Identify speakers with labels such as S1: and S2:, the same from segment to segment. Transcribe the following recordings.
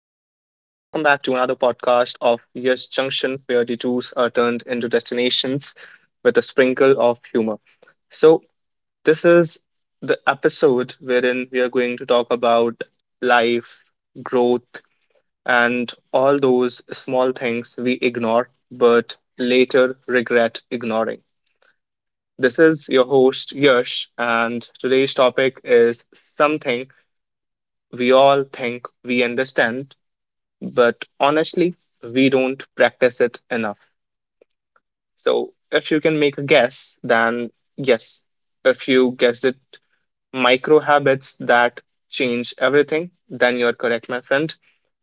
S1: back to another podcast of Yes Junction, where detours are turned into destinations with a sprinkle of humor. So, this is the episode wherein we are going to talk about life, growth, and all those small things we ignore but later regret ignoring. This is your host, Yash, and today's topic is something we all think we understand but honestly, we don't practice it enough. So if you can make a guess, then yes, if you guessed it, micro habits that change everything, then you're correct, my friend.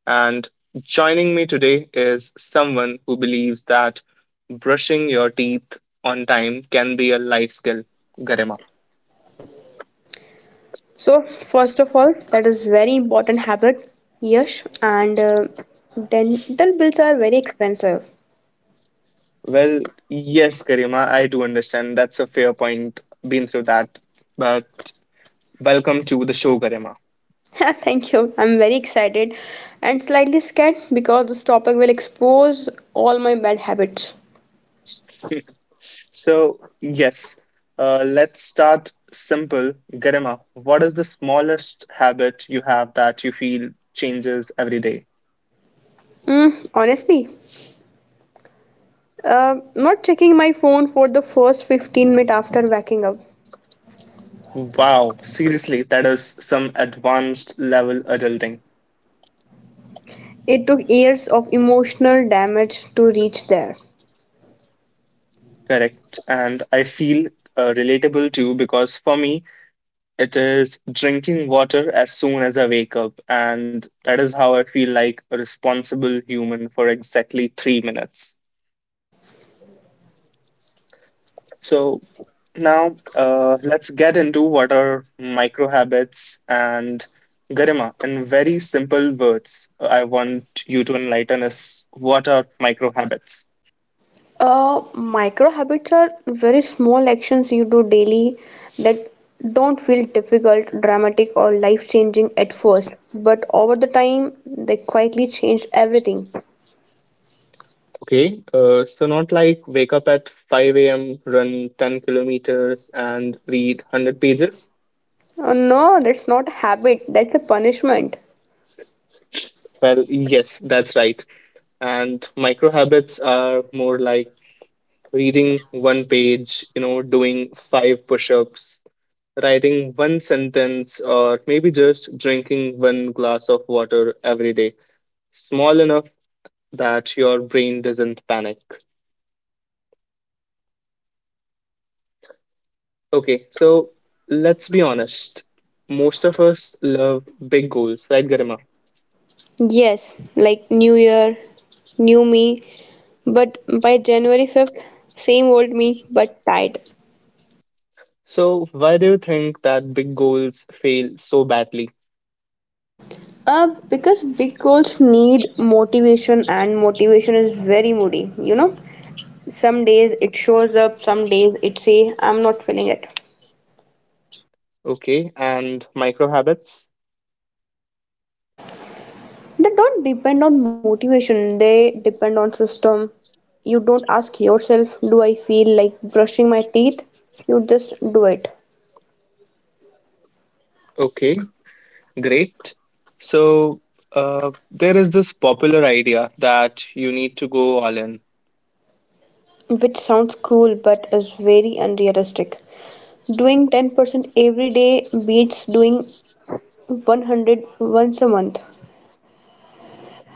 S1: And joining me today is someone who believes that brushing your teeth on time can be a life skill, Garima.
S2: So, first of all, that is very important habit. Yes, and dental bills are very expensive.
S1: Well, yes, Garima, I do understand. That's a fair point. Been through that. But welcome to the show, Garima.
S2: Thank you. I'm very excited and slightly scared because this topic will expose all my bad habits.
S1: So, yes, let's start simple. Garima, what is the smallest habit you have that you feel changes every day?
S2: Honestly, not checking my phone for the first 15 minutes after waking up.
S1: Wow, seriously, that is some advanced level adulting.
S2: It took years of emotional damage to reach there.
S1: Correct. And I feel relatable too because for me, it is drinking water as soon as I wake up. And that is how I feel like a responsible human for exactly 3 minutes. So, now, let's get into what are micro habits and Garima. In very simple words, I want you to enlighten us what are micro habits.
S2: Micro habits are very small actions you do daily that don't feel difficult, dramatic, or life changing at first, but over the time they quietly change everything.
S1: Okay, so not like wake up at 5 a.m., run 10 kilometers, and read 100 pages.
S2: Oh no, that's not a habit, that's a punishment.
S1: Well, yes, that's right. And micro habits are more like reading one page, you know, doing five push ups, writing one sentence, or maybe just drinking one glass of water every day, small enough that your brain doesn't panic. Okay, so let's be honest. Most of us love big goals, right, Garima?
S2: Yes, like New Year, new me, but by January 5th, same old me, but tired.
S1: So, why do you think that big goals fail so badly?
S2: Because big goals need motivation, and motivation is very moody, you know? Some days it shows up, some days it say I'm not feeling it.
S1: Okay, and micro habits?
S2: They don't depend on motivation, they depend on system. You don't ask yourself, do I feel like brushing my teeth? You just do it.
S1: Okay, great. So, there is this popular idea that you need to go all in.
S2: Which sounds cool but is very unrealistic. Doing 10% every day beats doing 100 once a month.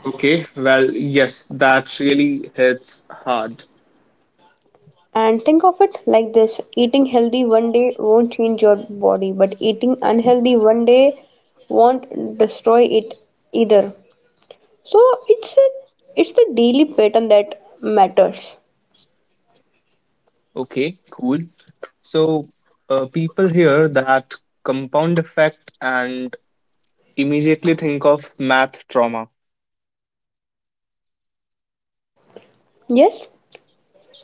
S1: Okay, well, yes, that really hits hard.
S2: And think of it like this eating healthy one day won't change your body, but eating unhealthy one day won't destroy it either. So it's a, it's the daily pattern that matters.
S1: Okay, cool. So, people hear that compound effect and immediately think of math trauma.
S2: Yes,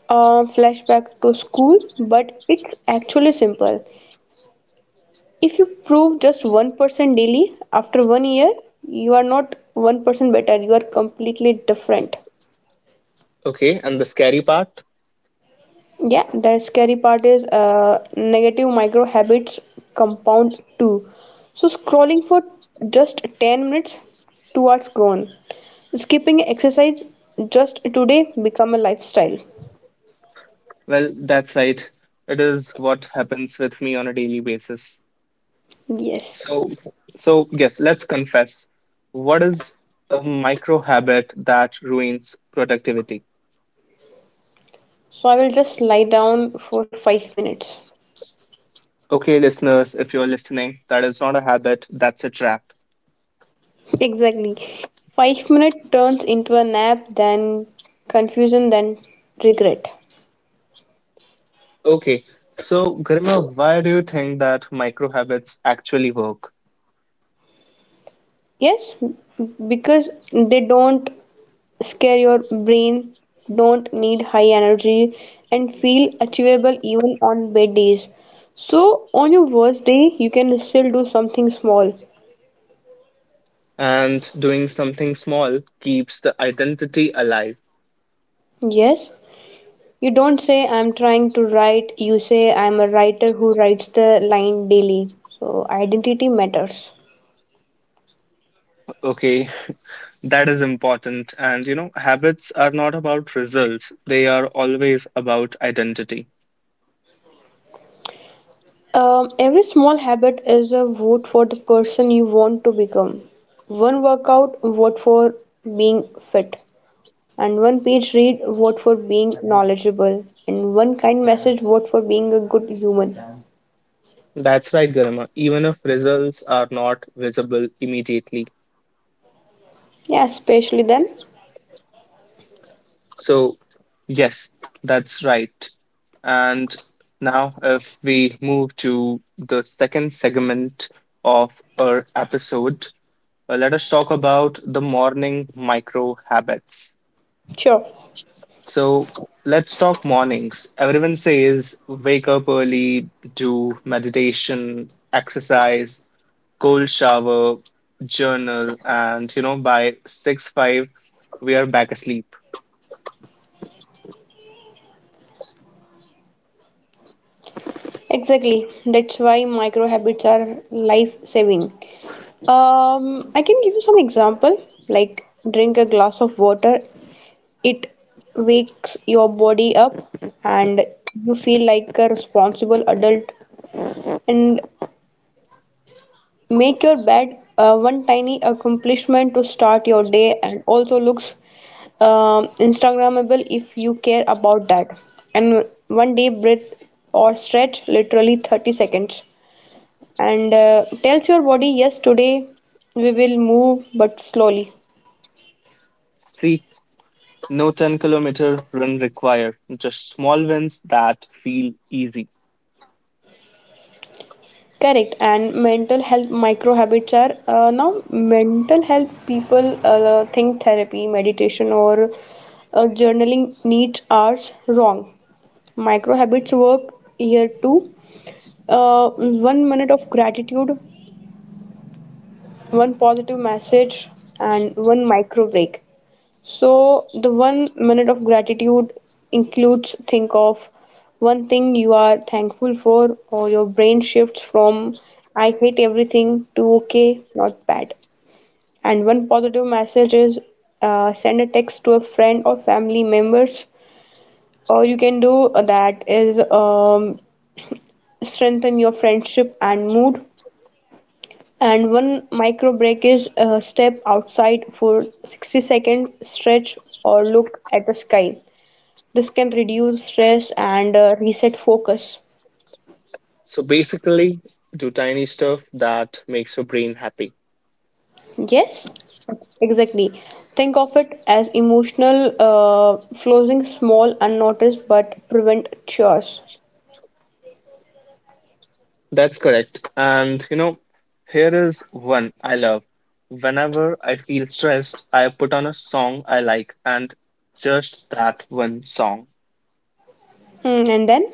S2: flashback to school, but it's actually simple. If you prove just 1% daily after one year, you are not 1% better, you are completely different.
S1: Okay, and the scary part?
S2: Yeah, the scary part is negative micro habits compound too. So scrolling for just 10 minutes towards grown. Skipping exercise just today become a lifestyle.
S1: Well, that's right. It is what happens with me on a daily basis.
S2: Yes.
S1: So, so yes, let's confess. What is a micro habit that ruins productivity?
S2: So I will just lie down for 5 minutes.
S1: Okay, listeners, if you're listening, that is not a habit, that's a trap.
S2: Exactly. 5-minute turns into a nap then confusion then regret.
S1: Okay, so Garima, why do you think that micro habits actually work?
S2: Yes, because they don't scare your brain, don't need high energy, and feel achievable even on bad days, so on your worst day you can still do something small.
S1: And doing something small keeps the identity alive.
S2: Yes, you don't say I'm trying to write, you say I'm a writer who writes the line daily. So identity matters.
S1: Okay, that is important. And you know, habits are not about results, they are always about identity.
S2: Every small habit is a vote for the person you want to become. One workout, vote for being fit. And one page read, vote for being knowledgeable. And one kind message, vote for being a good human.
S1: That's right, Garima. Even if results are not visible immediately,
S2: Yeah, especially then.
S1: so, yes, that's right. And now, if we move to the second segment of our episode, let us talk about the morning micro habits.
S2: Sure,
S1: So, let's talk mornings. Everyone says wake up early, do meditation, exercise, cold shower, journal, and you know, by 6 5, we are back asleep.
S2: exactly. That's why micro habits are life saving. I can give you some example like drink a glass of water. It wakes your body up and you feel like a responsible adult, and make your bed, one tiny accomplishment to start your day and also looks Instagrammable if you care about that. And one deep breath or stretch, literally 30 seconds, and tells your body, yes, today we will move but slowly.
S1: See, no 10-kilometer run required, just small wins that feel easy.
S2: Correct. And mental health micro habits are now mental health people think therapy, meditation, or journaling needs are wrong. Micro habits work here too. One minute of gratitude, one positive message, and one micro break. So the one minute of gratitude includes think of one thing you are thankful for, or your brain shifts from I hate everything to okay, not bad. And one positive message is send a text to a friend or family members, or you can do that is, strengthen your friendship and mood. And one micro break is step outside for 60-second stretch or look at the sky. This can reduce stress and reset focus.
S1: So basically, do tiny stuff that makes your brain happy.
S2: Yes, exactly. Think of it as emotional floating, small unnoticed but prevent chores.
S1: That's correct. And you know, here is one I love. Whenever I feel stressed, I put on a song I like and just that one song.
S2: Hmm, and then.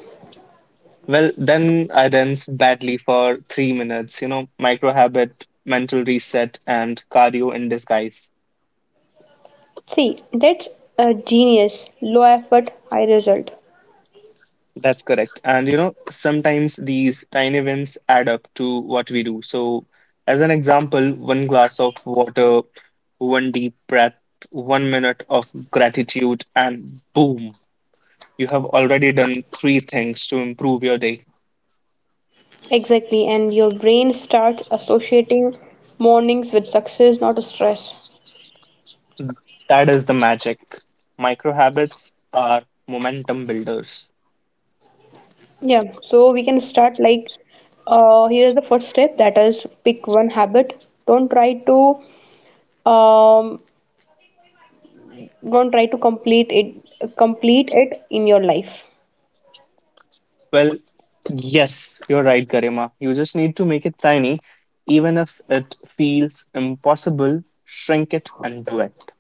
S1: Well, then I dance badly for 3 minutes, you know, micro habit, mental reset, and cardio in disguise.
S2: See, that's a genius, low effort, high result.
S1: That's correct. And you know, sometimes these tiny wins add up to what we do. So, as an example, one glass of water, one deep breath, 1 minute of gratitude, and boom, you have already done three things to improve your day.
S2: Exactly, and your brain starts associating mornings with success, not stress.
S1: That is the magic. Micro habits are momentum builders.
S2: Yeah, so we can start like, here is the first step, that is pick one habit. Um, don't try to complete it in your life.
S1: Well, yes, you're right, Garima. You just need to make it tiny. Even if it feels impossible, shrink it and do it.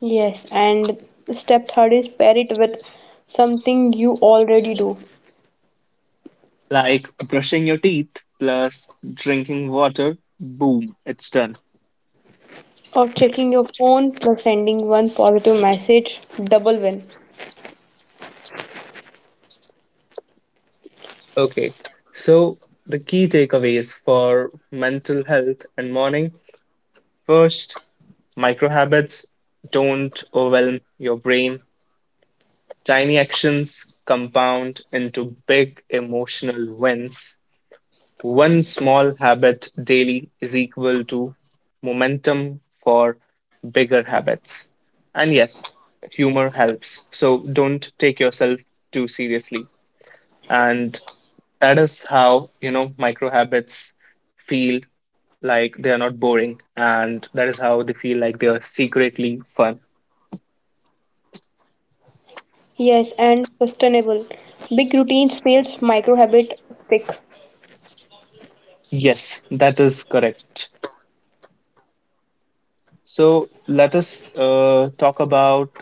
S2: Yes, and step third is pair it with something you already do.
S1: Like brushing your teeth plus drinking water, boom, it's done.
S2: Or checking your phone plus sending one positive message, double win.
S1: Okay, so the key takeaways for mental health and morning. First, micro habits don't overwhelm your brain. Tiny actions compound into big emotional wins. One small habit daily is equal to momentum for bigger habits. And yes, humor helps. So don't take yourself too seriously. And that is how, you know, micro habits feel like they are not boring. And that is how they feel like they are secretly fun.
S2: Yes, and sustainable. Big routines fails, micro habit stick.
S1: Yes, that is correct. So let us talk about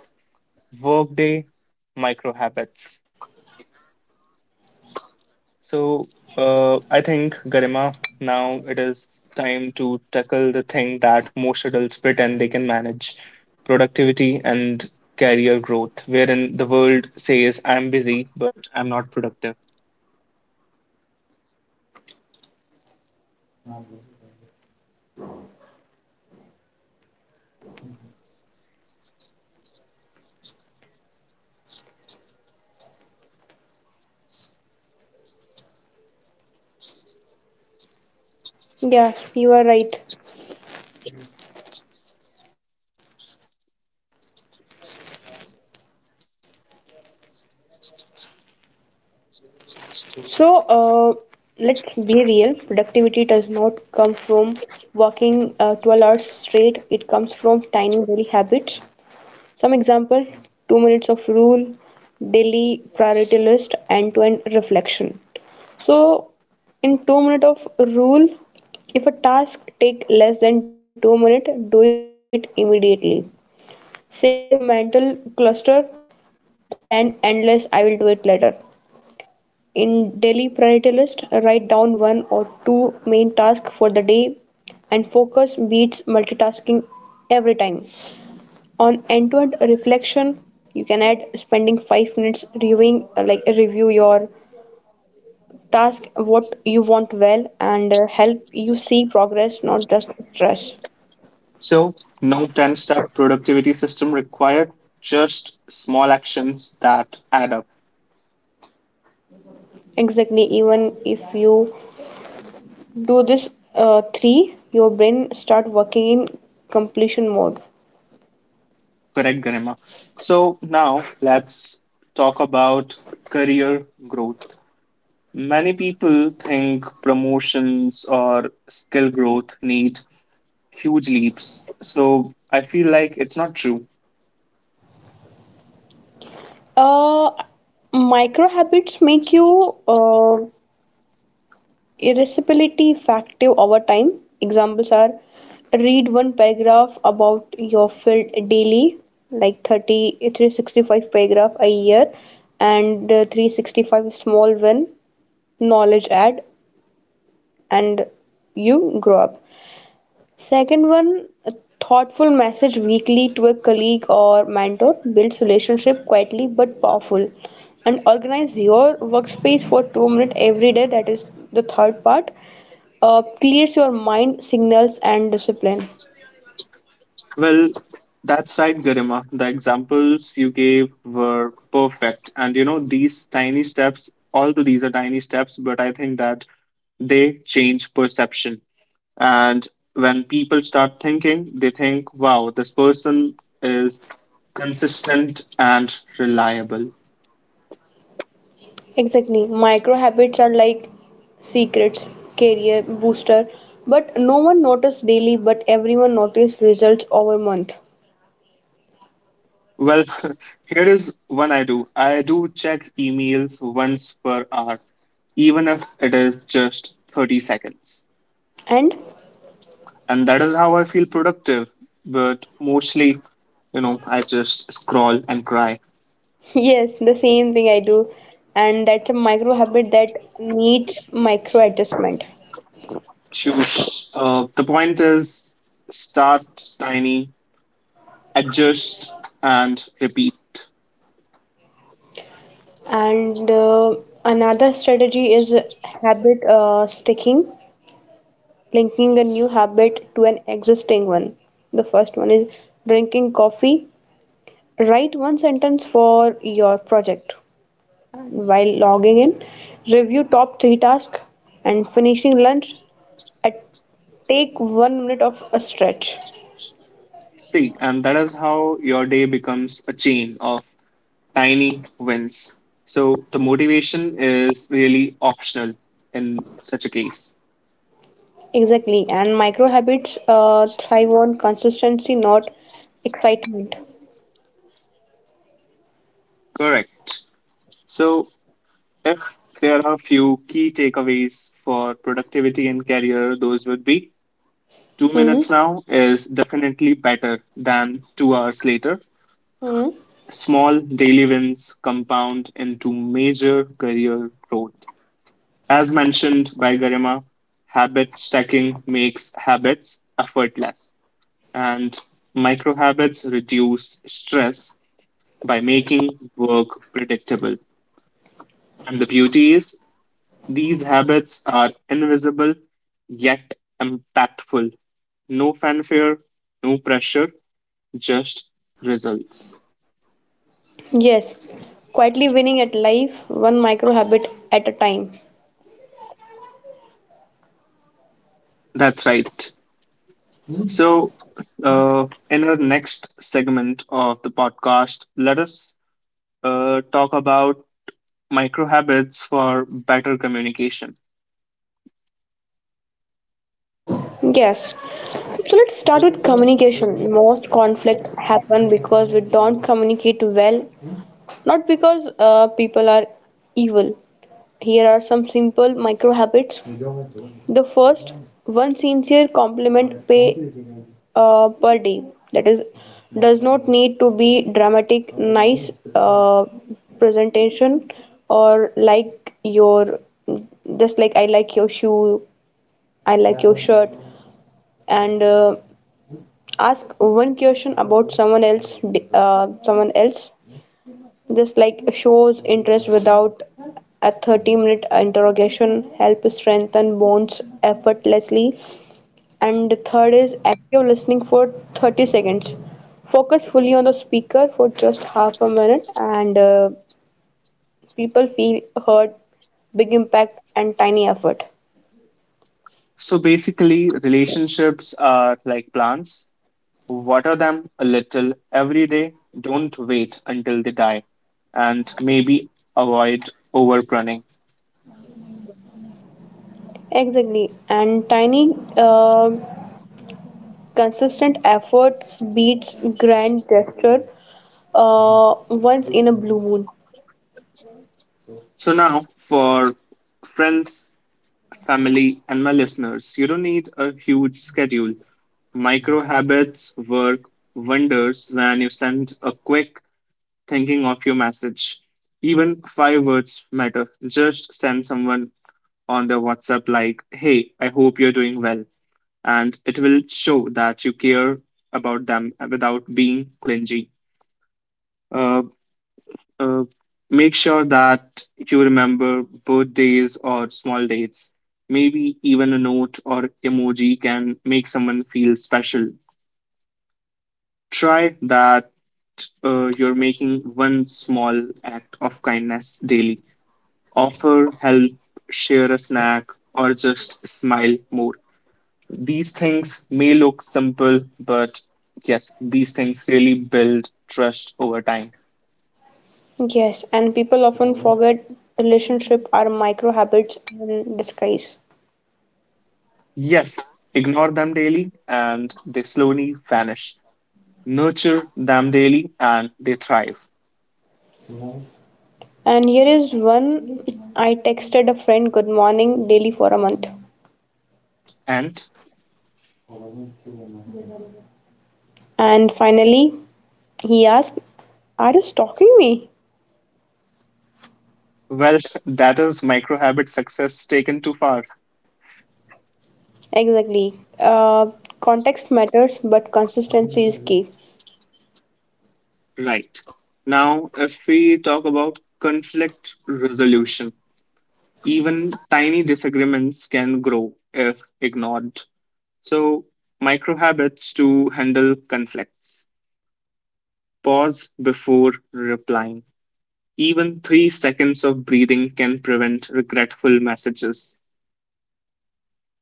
S1: workday micro habits. So, I think, Garima, now it is time to tackle the thing that most adults pretend they can manage, productivity and career growth, wherein the world says, I'm busy, but I'm not productive.
S2: Yeah, you are right. So, let's be real. Productivity does not come from working hours straight. It comes from tiny daily habits. Some example, 2 minutes of rule, daily priority list, end-to-end reflection. So, in 2 minute of rule, if a task take less than 2 minutes, do it immediately. Save mental cluster and endless I will do it later. In daily priority list, write down one or two main tasks for the day, and focus beats multitasking every time. On end-to-end reflection, you can add 5 minutes reviewing, like review your task, what you want well, and help you see progress, not just stress.
S1: So, no 10-step productivity system required, just small actions that add up.
S2: Exactly, even if you do this three, your brain start working in completion mode.
S1: Correct, Garima. So, now let's talk about career growth. Many people think promotions or skill growth need huge leaps. So I feel like it's not true.
S2: Uh, micro habits make you irascibility effective over time. Examples are read one paragraph about your field daily, like thirty three sixty five paragraph a year, and 365 small win, knowledge add, and you grow up. Second one, a thoughtful message weekly to a colleague or mentor builds relationship quietly but powerful. And organize your workspace for 2 minutes every day. That is the third part. Clears your mind, signals, and discipline.
S1: Well, that's right, Garima. The examples you gave were perfect. And you know, these tiny steps, although these are tiny steps, but I think that they change perception. And when people start thinking, they think, wow, this person is consistent and reliable.
S2: Exactly. Micro habits are like secrets, career booster, but no one noticed daily, but everyone noticed results over month.
S1: Well, here is one I do. I do check emails once per hour, even if it is just 30 seconds.
S2: And
S1: And that is how I feel productive. But mostly, you know, I just scroll and cry.
S2: yes, the same thing I do, and that's a micro habit that needs micro adjustment.
S1: Shush. The point is start tiny, adjust, and repeat.
S2: And another strategy is habit sticking, linking a new habit to an existing one. The first one is drinking coffee. Write one sentence for your project. And while logging in, review top three tasks and finishing lunch. At take one minute of a stretch.
S1: See, and that is how your day becomes a chain of tiny wins. So the motivation is really optional in such a case.
S2: Exactly, and micro habits thrive on consistency, not excitement.
S1: Correct. So if there are a few key takeaways for productivity and career, those would be two
S2: Hmm.
S1: minutes now is definitely better than 2 hours later.
S2: Hmm.
S1: Small daily wins compound into major career growth. As mentioned by Garima, habit stacking makes habits effortless. And microhabits reduce stress by making work predictable. And the beauty is, these habits are invisible yet impactful. No fanfare, no pressure, just results.
S2: Yes, quietly winning at life, one micro habit at a time.
S1: That's right. So, in our next segment of the podcast, let us talk about microhabits for better communication.
S2: Yes. So let's start with communication. Most conflicts happen because we don't communicate well, not because people are evil. Here are some simple micro habits. The first, one sincere compliment pay per day. That is, does not need to be dramatic, nice presentation, or like your, just like I like your shoe, I like your shirt, and ask one question about someone else. Just like shows interest without a 30-minute interrogation, help strengthen bonds effortlessly. And the third is active listening for 30 seconds, focus fully on the speaker for just half a minute, and people feel heard. Big impact and tiny effort.
S1: So basically, relationships are like plants. Water them a little every day. Don't wait until they die. And maybe avoid overpruning.
S2: Exactly, and tiny, consistent effort beats grand gesture, uh, once in a blue moon.
S1: So now for friends, family, and my listeners, you don't need a huge schedule. Micro habits work wonders when you send a quick thinking of your message. Even five words matter. Just send someone on the WhatsApp like, "Hey, I hope you're doing well," and it will show that you care about them without being clingy. Uh, uh, make sure that you remember birthdays or small dates. Maybe even a note or emoji can make someone feel special. Try that you're making one small act of kindness daily. Offer help, share a snack, or just smile more. These things may look simple, but yes, these things really build trust over time.
S2: Yes, and people often forget, relationship are micro habits in disguise.
S1: Yes, ignore them daily and they slowly vanish. Nurture them daily and they thrive.
S2: And here is one, I texted a friend good morning daily for a month.
S1: And
S2: And finally, he asked, are you stalking me?
S1: well, that is micro habit success taken too far.
S2: Exactly. Uh, context matters, but consistency is key.
S1: Right. Now, if we talk about conflict resolution, even tiny disagreements can grow if ignored. So, micro habits to handle conflicts. Pause before replying. Even 3 seconds of breathing can prevent regretful messages.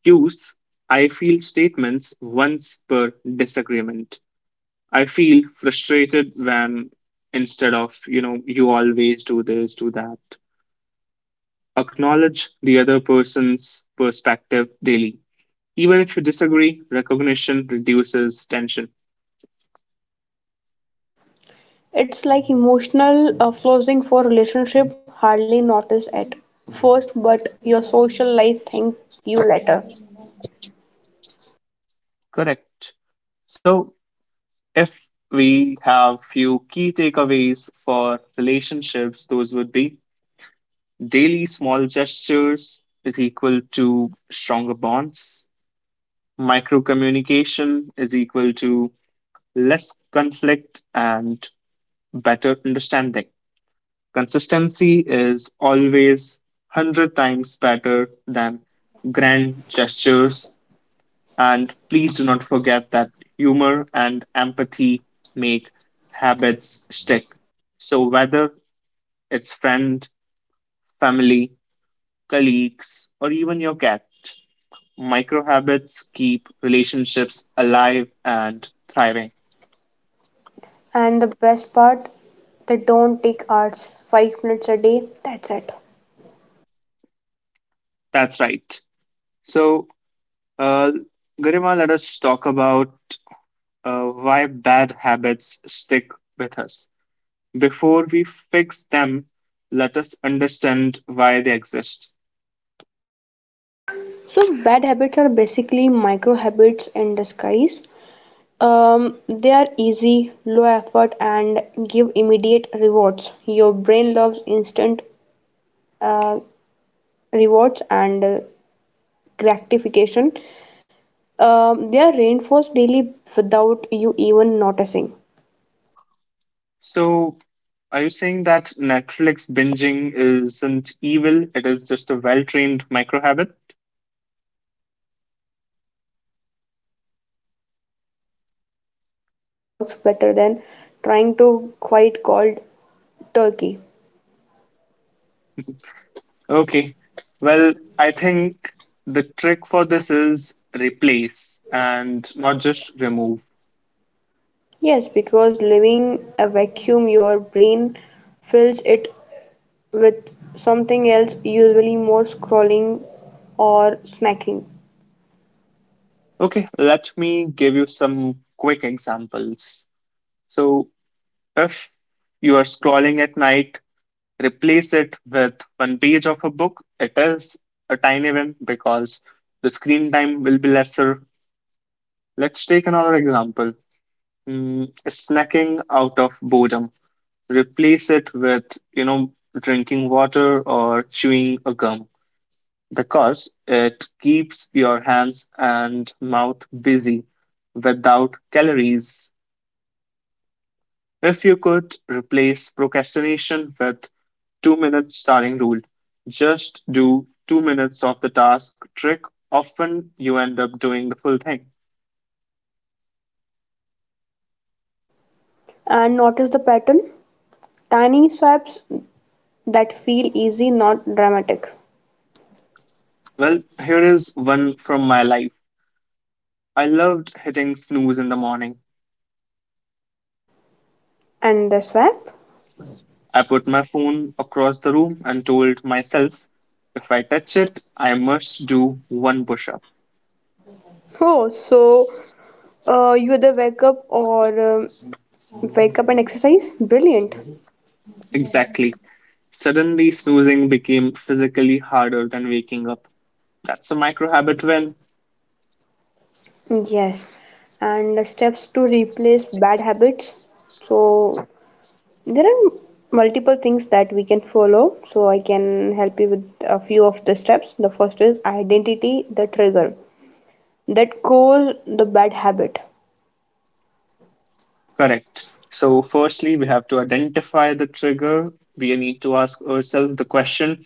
S1: Use I feel statements once per disagreement. I feel frustrated when instead of, you know, you always do this, do that. Acknowledge the other person's perspective daily. Even if you disagree, recognition reduces tension.
S2: It's like emotional, flooding for relationship, hardly notice at first, but your social life thank you later.
S1: Correct. So if we have few key takeaways for relationships, those would be daily small gestures is equal to stronger bonds. Micro communication is equal to less conflict and better understanding. Consistency is always 100 times better than grand gestures. And please do not forget that humor and empathy make habits stick. So, whether it's friend, family, colleagues, or even your cat, micro habits keep relationships alive and thriving.
S2: And the best part, they don't take hours, 5 minutes a day, that's it.
S1: That's right. So, uh, Garima, let us talk about why bad habits stick with us. Before we fix them, let us understand why they exist.
S2: So bad habits are basically micro habits in disguise. They are easy, low effort, and give immediate rewards. Your brain loves instant, uh, rewards and gratification. They are reinforced daily without you even noticing.
S1: So, are you saying that Netflix binging isn't evil? It is just a well-trained micro habit?
S2: Exactly. That's why replacing bad habit with tiny good one works better than trying to quite cold turkey.
S1: Okay. Well, I think the trick for this is replace and not just remove.
S2: Yes, because leaving a vacuum, your brain fills it with something else, usually more scrolling or snacking.
S1: Okay, let me give you some quick examples. So, if you are scrolling at night, replace it with one page of a book. It is a tiny win because the screen time will be lesser. Let's take another example. Snacking out of boredom. Replace it with, you know, drinking water or chewing a gum because it keeps your hands and mouth busy without calories. If you could replace procrastination with 2 minute starting rule, just do 2 minutes of the task trick. Often you end up doing the full thing.
S2: And notice the pattern, tiny swaps that feel easy, not dramatic.
S1: Well, here is one from my life. I loved hitting snooze in the morning.
S2: And the swap?
S1: I put my phone across the room and told myself if I touch it, I must do one push up.
S2: Oh, so, you either wake up or wake up and exercise. Brilliant.
S1: Exactly. Suddenly, snoozing became physically harder than waking up. That's a micro habit win.
S2: Yes. And steps to replace bad habits. So there are multiple things that we can follow. So I can help you with a few of the steps. The first is identity the trigger that cause the bad habit.
S1: Correct. So, firstly, we have to identify the trigger. We need to ask ourselves the question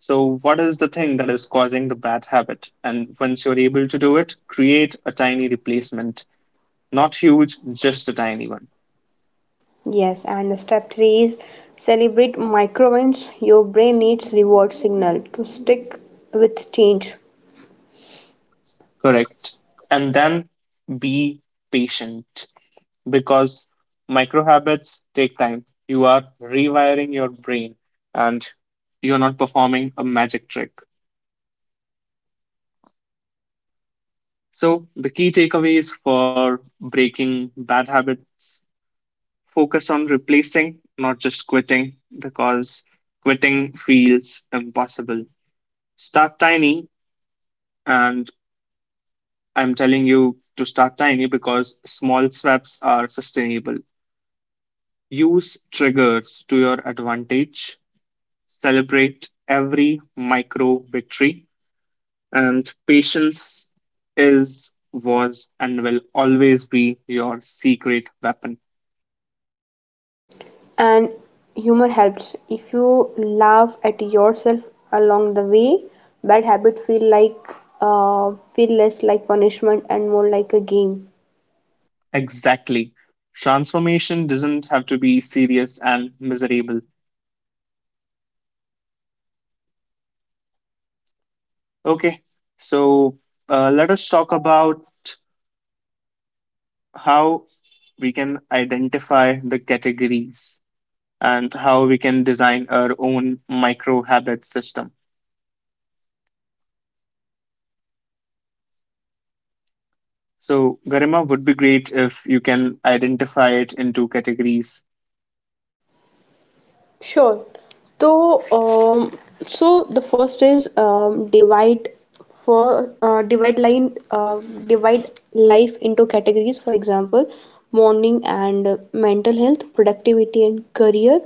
S1: so, what is the thing that is causing the bad habit? And once you're able to do it, create a tiny replacement. Not huge, just a tiny one.
S2: Yes, and the step three is celebrate micro wins. Your brain needs reward signal to stick with change.
S1: Correct. And then be patient because micro habits take time. You are rewiring your brain and you're not performing a magic trick. So, the key takeaways for breaking bad habits focus on replacing, not just quitting, because quitting feels impossible. Start tiny, and I'm telling you to start tiny because small steps are sustainable. Use triggers to your advantage, celebrate every micro victory, and patience is, was, and will always be your secret weapon.
S2: And humor helps. If you laugh at yourself along the way, bad habit feel less like punishment and more like a game.
S1: Exactly. Transformation doesn't have to be serious and miserable. Okay, so let us talk about how we can identify the categories and how we can design our own micro habit system. So, Garima would be great if you can identify it into categories.
S2: Sure. So, so the first is for uh, divide line uh, divide life into categories. For example, morning and mental health, productivity and career,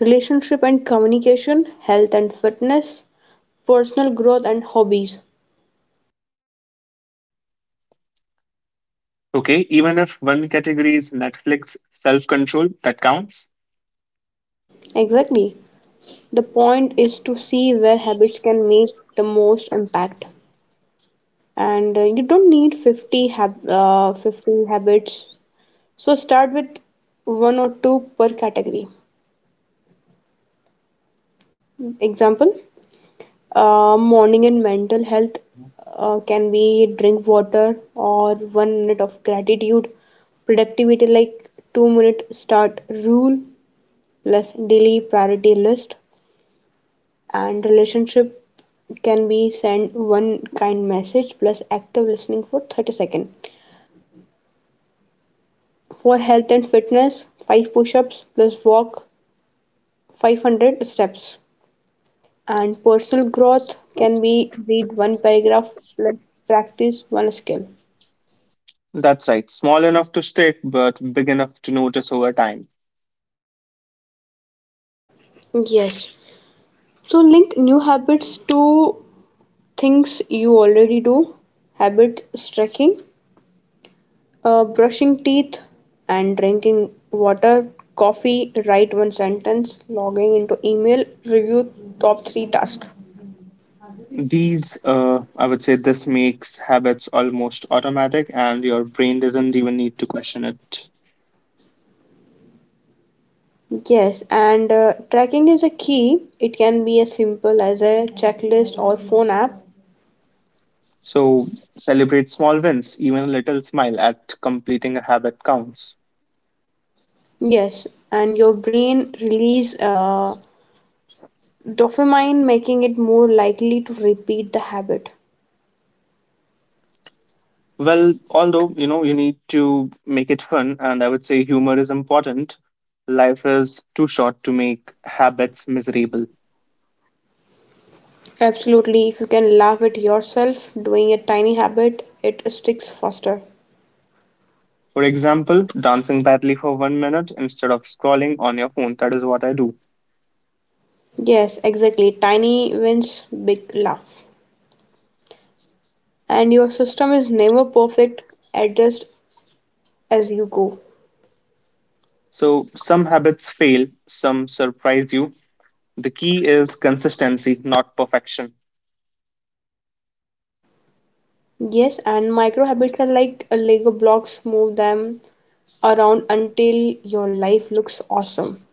S2: relationship and communication, health and fitness, personal growth and hobbies.
S1: Okay, even if one category is Netflix self control, that counts.
S2: Exactly. The point is to see where habits can make the most impact. And you don't need 50 habits. So start with one or two per category. Example, morning and mental health can be drink water or one minute of gratitude, productivity like 2 minute start rule plus daily priority list, and relationship can be send one kind message plus active listening for 30 seconds. For health and fitness, 5 push ups plus walk 500 steps. And personal growth can be read one paragraph plus practice one skill.
S1: That's right, small enough to stick, but big enough to notice over time.
S2: Yes. So link new habits to things you already do. Habit stretching, brushing teeth and drinking water, coffee, write one sentence, logging into email, review top three tasks.
S1: These, I would say, this makes habits almost automatic, and your brain doesn't even need to question it.
S2: Yes, and tracking is a key. It can be as simple as a checklist or phone app.
S1: So, celebrate small wins, even a little smile at completing a habit counts.
S2: Yes, and your brain release, dopamine, making it more likely to repeat the habit.
S1: Well, although, you know, you need to make it fun, and I would say humor is important, life is too short to make habits miserable.
S2: Absolutely, if you can laugh at yourself doing a tiny habit, it sticks faster.
S1: For example, dancing badly for 1 minute instead of scrolling on your phone. That is what I do.
S2: Yes, exactly. Tiny wins, big laugh. And your system is never perfect, adjust as you go.
S1: So some habits fail, some surprise you. The key is consistency, not perfection.
S2: Yes, and micro habits are like a Lego blocks, move them around until your life looks awesome.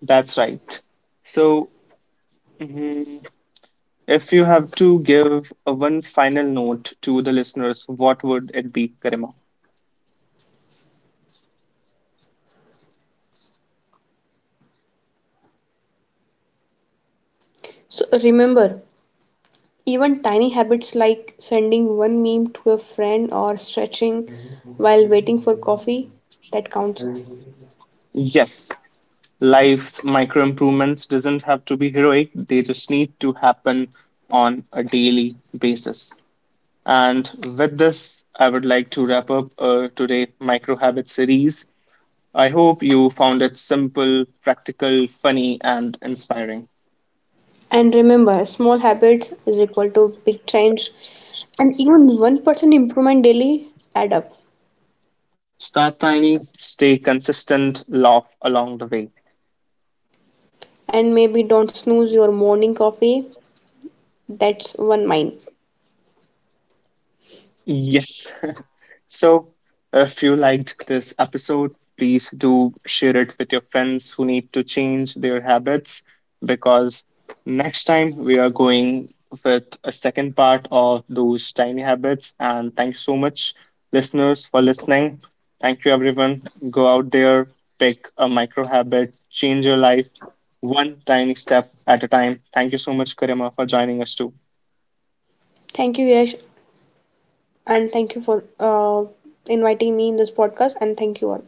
S1: That's right. So, mhm, if you have to give a one final note to the listeners, what would it be, Karima?
S2: So remember, even tiny habits like sending one meme to a friend or stretching while waiting for coffee, that counts.
S1: Yes. Life's micro improvements doesn't have to be heroic, they just need to happen on a daily basis. And with this I would like to wrap up today micro habit series. I hope you found it simple, practical, funny and inspiring.
S2: And remember, small habits is equal to big change. And even 1% improvement daily add up.
S1: Start tiny, stay consistent, laugh along the way.
S2: And maybe don't snooze your morning coffee. That's one mine.
S1: Yes. So, if you liked this episode, please do share it with your friends who need to change their habits because next time we are going with a second part of those tiny habits. And thank you so much, listeners, for listening. Thank you, everyone. Go out there, pick a micro habit, change your life one tiny step at a time. Thank you so much, Karima, for joining us too. Yeah.
S2: Thank you, Yash. And thank you for inviting me in this podcast. And thank you all.